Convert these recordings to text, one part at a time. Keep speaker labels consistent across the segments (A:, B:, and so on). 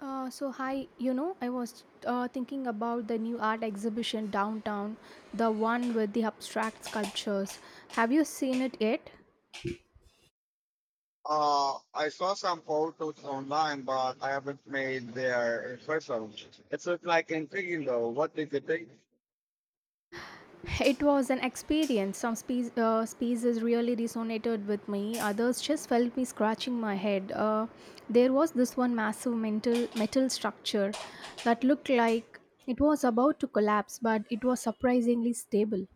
A: So hi, I was thinking about the new art exhibition downtown, the one with the abstract sculptures. Have you seen it yet?
B: I saw some photos online, but I haven't made there in person. It looks like intriguing, though. What did you think?
A: It was an experience. Pieces really resonated with me. Others just felt me scratching my head. There was this one massive mental metal structure that looked like it was about to collapse, but it was surprisingly stable.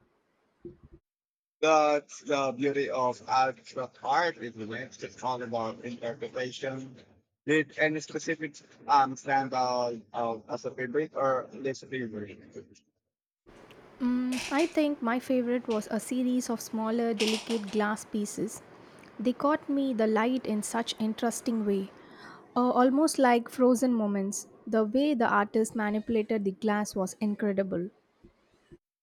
B: That's the beauty of abstract art, isn't it? It's all about interpretation. Did any specific stand out as a favorite or least favorite?
A: I think my favorite was a series of smaller, delicate glass pieces. They caught me the light in such interesting way, almost like frozen moments. The way the artist manipulated the glass was incredible.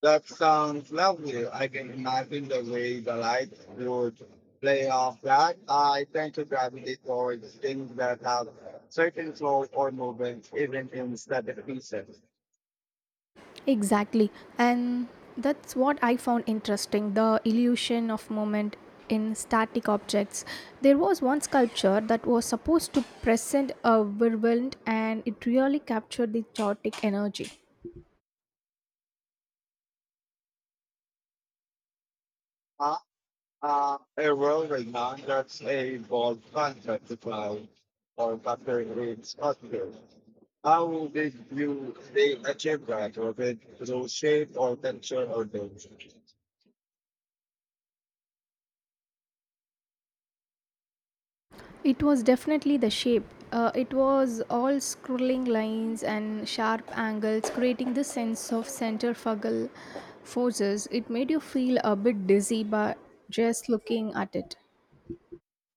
B: That sounds lovely. I can imagine the way the lights would play off that. I tend to gravitate towards things that have certain flow or movement, even in static pieces.
A: Exactly, and that's what I found interesting the illusion of moment in static objects. There was one sculpture that was supposed to present a whirlwind, and it really captured the chaotic energy.
B: Uh, a whirlwind, man, that's a bold concept to cloud or factor in sculpture. How did you they achieve that? Was it through shape or texture or density?
A: It was definitely the shape. It was all scrolling lines and sharp angles, creating this sense of centrifugal forces. It made you feel a bit dizzy by just looking at it.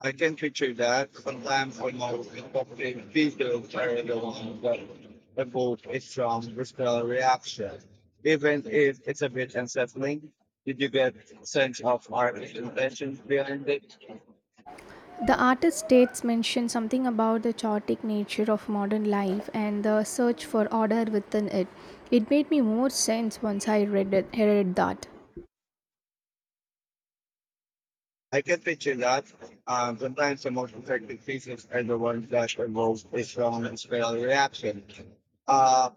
B: I can picture that. Sometimes almost inappropriate videos carry along that evoke a strong visceral reaction, even if it's a bit unsettling. Did you get sense of artist intentions behind it?
A: The artist states mentioned something about the chaotic nature of modern life and the search for order within it. It made me more sense once read that.
B: I can picture that. Sometimes the most effective pieces are the ones that evoke a strong visceral reaction. Uh,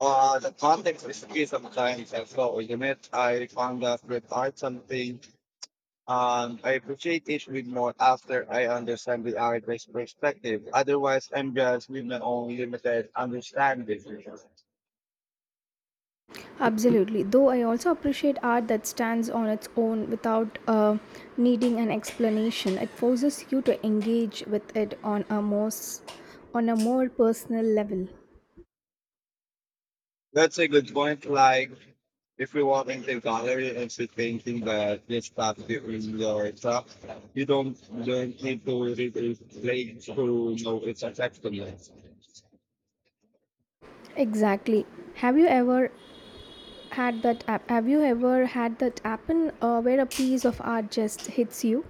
B: the context is key sometimes as so you not it? I found that with art, something and I appreciate it with more after I understand the artist's perspective. Otherwise, I'm just with my own limited understanding.
A: Absolutely. Though I also appreciate art that stands on its own without needing an explanation. It forces you to engage with it on a on a more personal level.
B: That's a good point. Like, if you walk into the gallery and see painting that this stuff in your stuff, you don't need to read it late to know it's effectiveness.
A: Exactly. Have you ever Have you ever had that happen where a piece of art just hits you?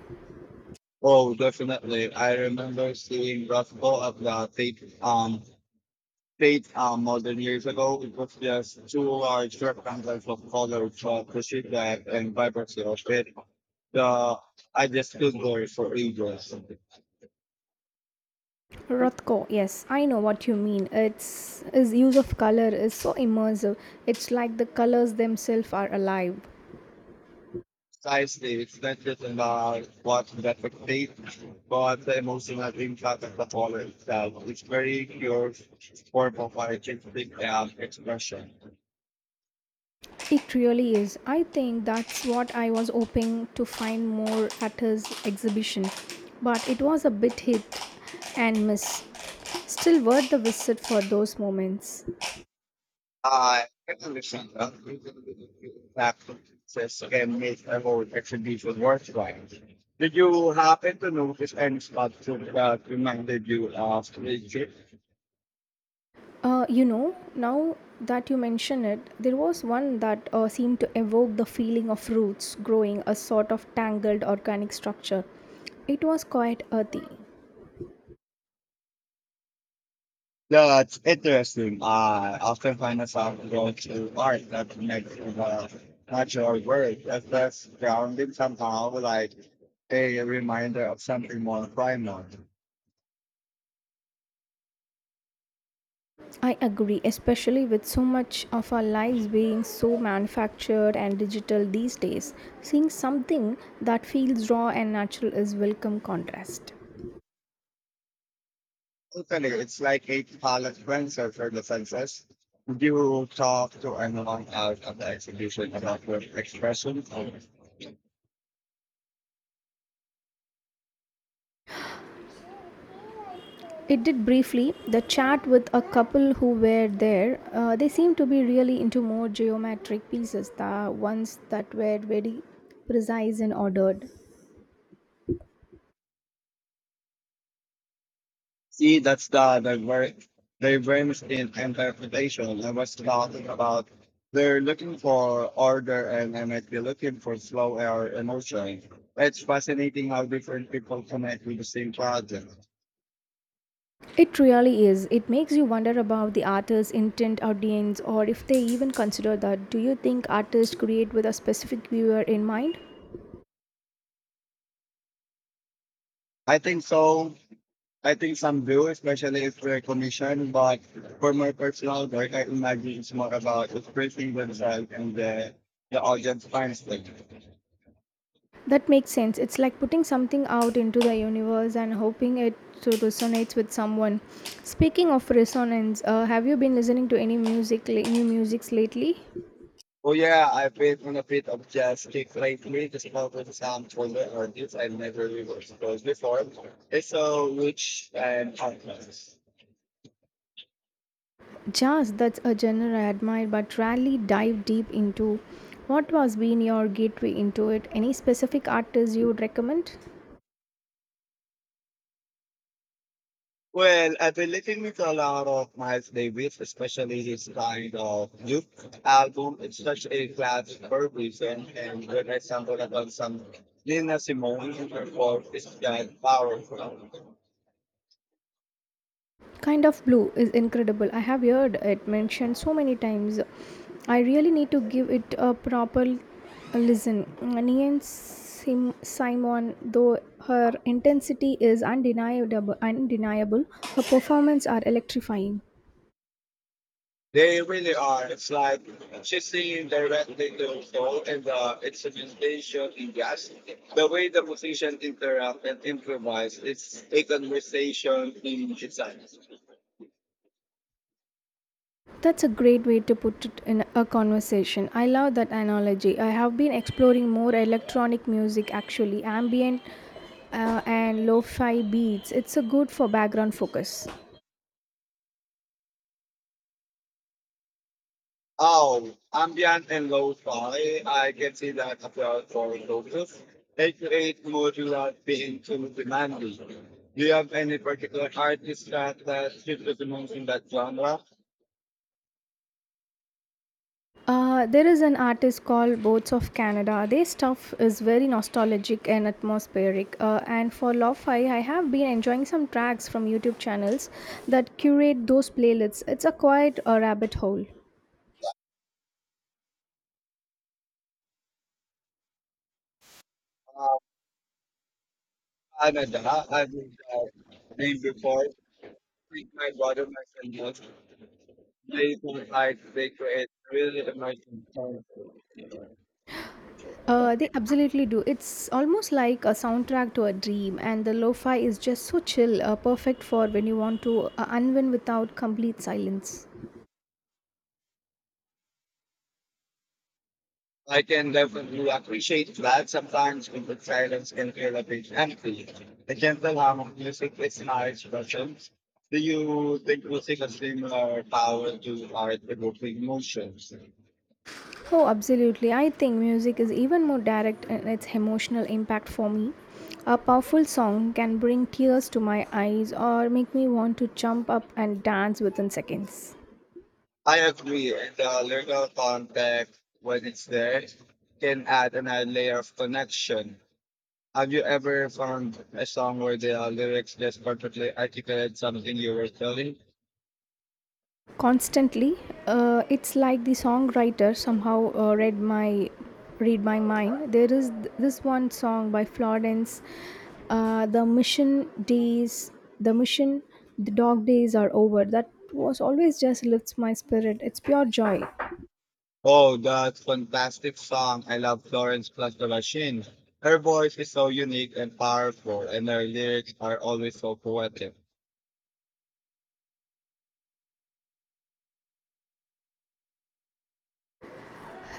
B: Oh, definitely. I remember seeing Rothko at the tape, Eight more than years ago, it was just two large rectangles of colored chalk sheet that and vibrancy of it. The I just feel glory for ages.
A: Rothko, yes, I know what you mean. Its his use of color is so immersive. It's like the colors themselves are alive.
B: Precisely, it's not just about what that tape, but the emotional impact of the color itself. It's very pure form of artistic expression.
A: It really is. I think that's what I was hoping to find more at his exhibition, but it was a bit hit and miss. Still worth the visit for those moments.
B: I can understand that. That process can make a whole exhibition worthwhile. Did you happen to notice any sculpture that reminded you of Egypt?
A: Now that you mention it, there was one that seemed to evoke the feeling of roots growing a sort of tangled organic structure. It was quite earthy.
B: That's interesting. I often find myself going to art that connects to the natural world as that's grounding somehow, like a reminder of something more primal.
A: I agree, especially with so much of our lives being so manufactured and digital these days. Seeing something that feels raw and natural is welcome contrast.
B: Totally, it's like a palate cleanser for the senses. You talk to anyone out of the exhibition about your expression.
A: It did briefly. The chat with a couple who were there, they seemed to be really into more geometric pieces, the ones that were very precise and ordered.
B: See, that's the divergence in interpretation. I was talking about they're looking for order and I might be looking for flow or emotion. It's fascinating how different people connect with the same project.
A: It really is. It makes you wonder about the artist's intent audience or if they even consider that. Do you think artists create with a specific viewer in mind?
B: I think so. I think some do, especially if they. But for my personal work, I imagine it's more about expressing themselves and the audience finds them.
A: That makes sense. It's like putting something out into the universe and hoping it to resonates with someone. Speaking of resonance, have you been listening to any music, new musics lately?
B: Oh yeah, I've been on a bit of jazz kick lately, just about with some folder artists I never really was before. It's so rich and complex.
A: Jazz, that's a genre I admire but rarely dive deep into. What was been your gateway into it? Any specific artists you would recommend?
B: Well, I've been listening to a lot of Miles Davis, especially his kind of Duke album. It's such a classic for a reason. And when I stumbled upon some Nina Simone in her form, it's that powerful.
A: Kind of Blue is incredible. I have heard it mentioned so many times. I really need to give it a proper listen. Simon though, her intensity is undeniable. Her performances are electrifying.
B: They really are. It's like she's singing directly to the soul and the instrumentation in jazz. The way the musicians interact and improvise, it's a conversation in itself.
A: That's a great way to put it, in a conversation. I love that analogy. I have been exploring more electronic music actually, ambient and lo fi beats. It's a good for background focus.
B: Oh, ambient and lo-fi. I can see that applies for resources. It creates modular being too demanding. Do you have any particular artist that should recommend in that genre?
A: There is an artist called Boats of Canada. Their stuff is very nostalgic and atmospheric. And for lo-fi, I have been enjoying some tracks from YouTube channels that curate those playlists. It's a quite a rabbit hole.
B: Uh, Canada, I think that name before. Think my brother, my friend, they look like they create really amazing songs.
A: They absolutely do. It's almost like a soundtrack to a dream, and the lo-fi is just so chill, perfect for when you want to unwind without complete silence.
B: I can definitely appreciate that sometimes when the silence can feel a bit empty. The gentle hum of music is nice, but do you think music has similar power to art evoking emotions?
A: Oh, absolutely. I think music is even more direct in its emotional impact for me. A powerful song can bring tears to my eyes or make me want to jump up and dance within seconds.
B: I agree, and the lyrical context, when it's there, can add another layer of connection. Have you ever found a song where the lyrics just perfectly articulate something you were feeling?
A: Constantly, it's like the songwriter somehow read my mind. There is this one song by Florence, "The Mission Days." The mission, the dog days are over. That was always just lifts my spirit. It's pure joy.
B: Oh, that fantastic song. I love Florence plus the Machine. Her voice is so unique and powerful, and her lyrics are always so poetic.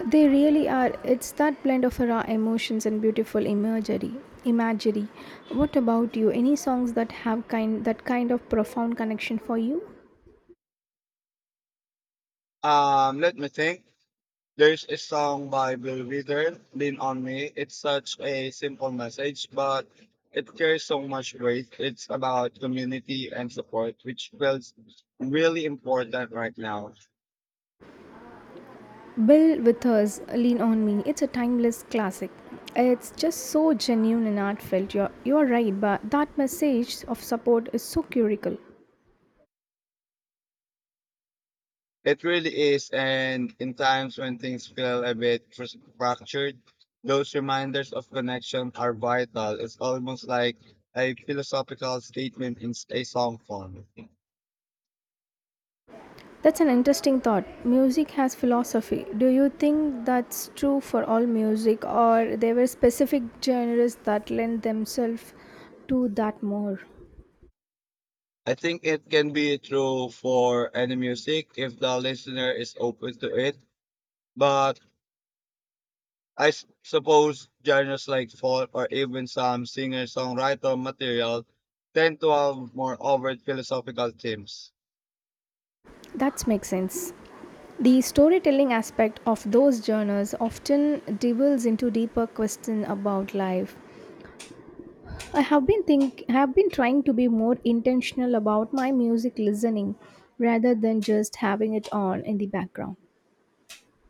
A: They really are. It's that blend of raw emotions and beautiful imagery. Imagery. What about you? Any songs that have kind that kind of profound connection for you?
B: Let me think. There's a song by Bill Wither, Lean On Me. It's such a simple message, but it carries so much weight. It's about community and support, which feels really important right now.
A: Bill Withers, Lean on Me. It's a timeless classic. It's just so genuine and heartfelt. You're right, but that message of support is so curical.
B: It really is, and in times when things feel a bit fractured, those reminders of connection are vital. It's almost like a philosophical statement in a song form.
A: That's an interesting thought. Music has philosophy. Do you think that's true for all music, or there were specific genres that lend themselves to that more?
B: I think it can be true for any music if the listener is open to it, but I suppose genres like folk or even some singer-songwriter material tend to have more overt philosophical themes.
A: That makes sense. The storytelling aspect of those genres often delves into deeper questions about life. I have been trying to be more intentional about my music listening rather than just having it on in the background.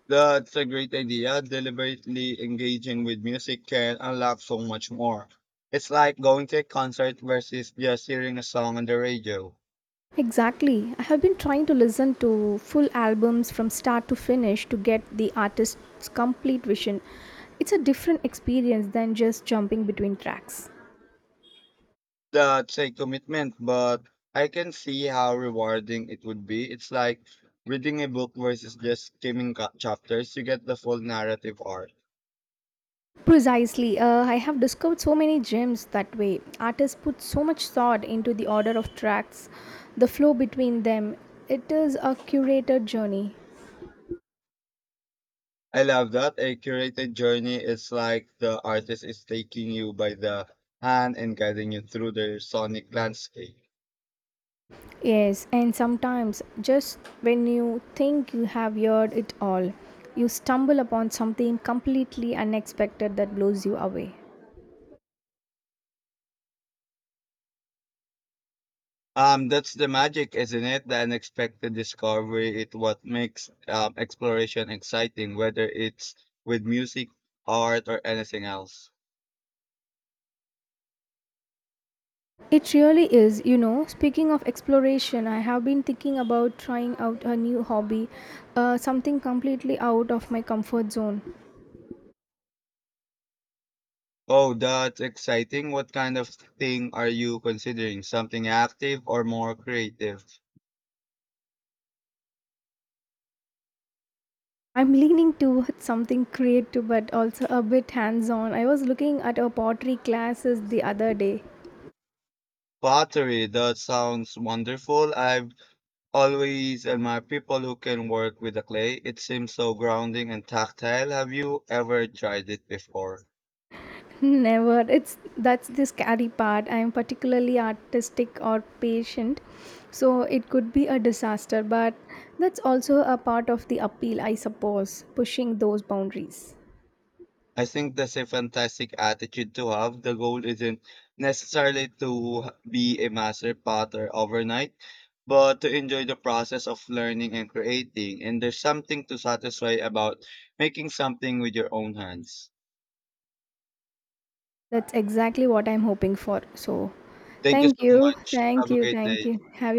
B: That's a great idea. Deliberately engaging with music can unlock so much more. It's like going to a concert versus just hearing a song on the radio.
A: Exactly. I have been trying to listen to full albums from start to finish to get the artist's complete vision. It's a different experience than just jumping between tracks.
B: That's a commitment, but I can see how rewarding it would be. It's like reading a book versus just skimming chapters. You get the full narrative arc.
A: Precisely. I have discovered so many gems that way. Artists put so much thought into the order of tracks, the flow between them. It is a curated journey.
B: I love that. A curated journey is like the artist is taking you by the hand and guiding you through their sonic landscape.
A: Yes, and sometimes just when you think you have heard it all, you stumble upon something completely unexpected that blows you away.
B: That's the magic, isn't it? The unexpected discovery. It what makes exploration exciting, whether it's with music, art, or anything else.
A: It really is, you know. Speaking of exploration, I have been thinking about trying out a new hobby, something completely out of my comfort zone.
B: Oh, that's exciting. What kind of thing are you considering? Something active or more creative?
A: I'm leaning towards something creative but also a bit hands on. I was looking at a pottery classes the other day.
B: Pottery. That sounds wonderful. I've always admired people who can work with the clay. It seems so grounding and tactile. Have you ever tried it before?
A: Never. It's that's the scary part. I'm particularly artistic or patient, so it could be a disaster, but that's also a part of the appeal, I suppose, pushing those boundaries.
B: I think that's a fantastic attitude to have. The goal isn't necessarily to be a master potter overnight, but to enjoy the process of learning and creating. And there's something to satisfy about making something with your own hands.
A: That's exactly what I'm hoping for. So,
B: Thank you
A: thank
B: so
A: you.
B: much.
A: Thank
B: Have a
A: you.
B: great
A: Thank
B: day.
A: you. Have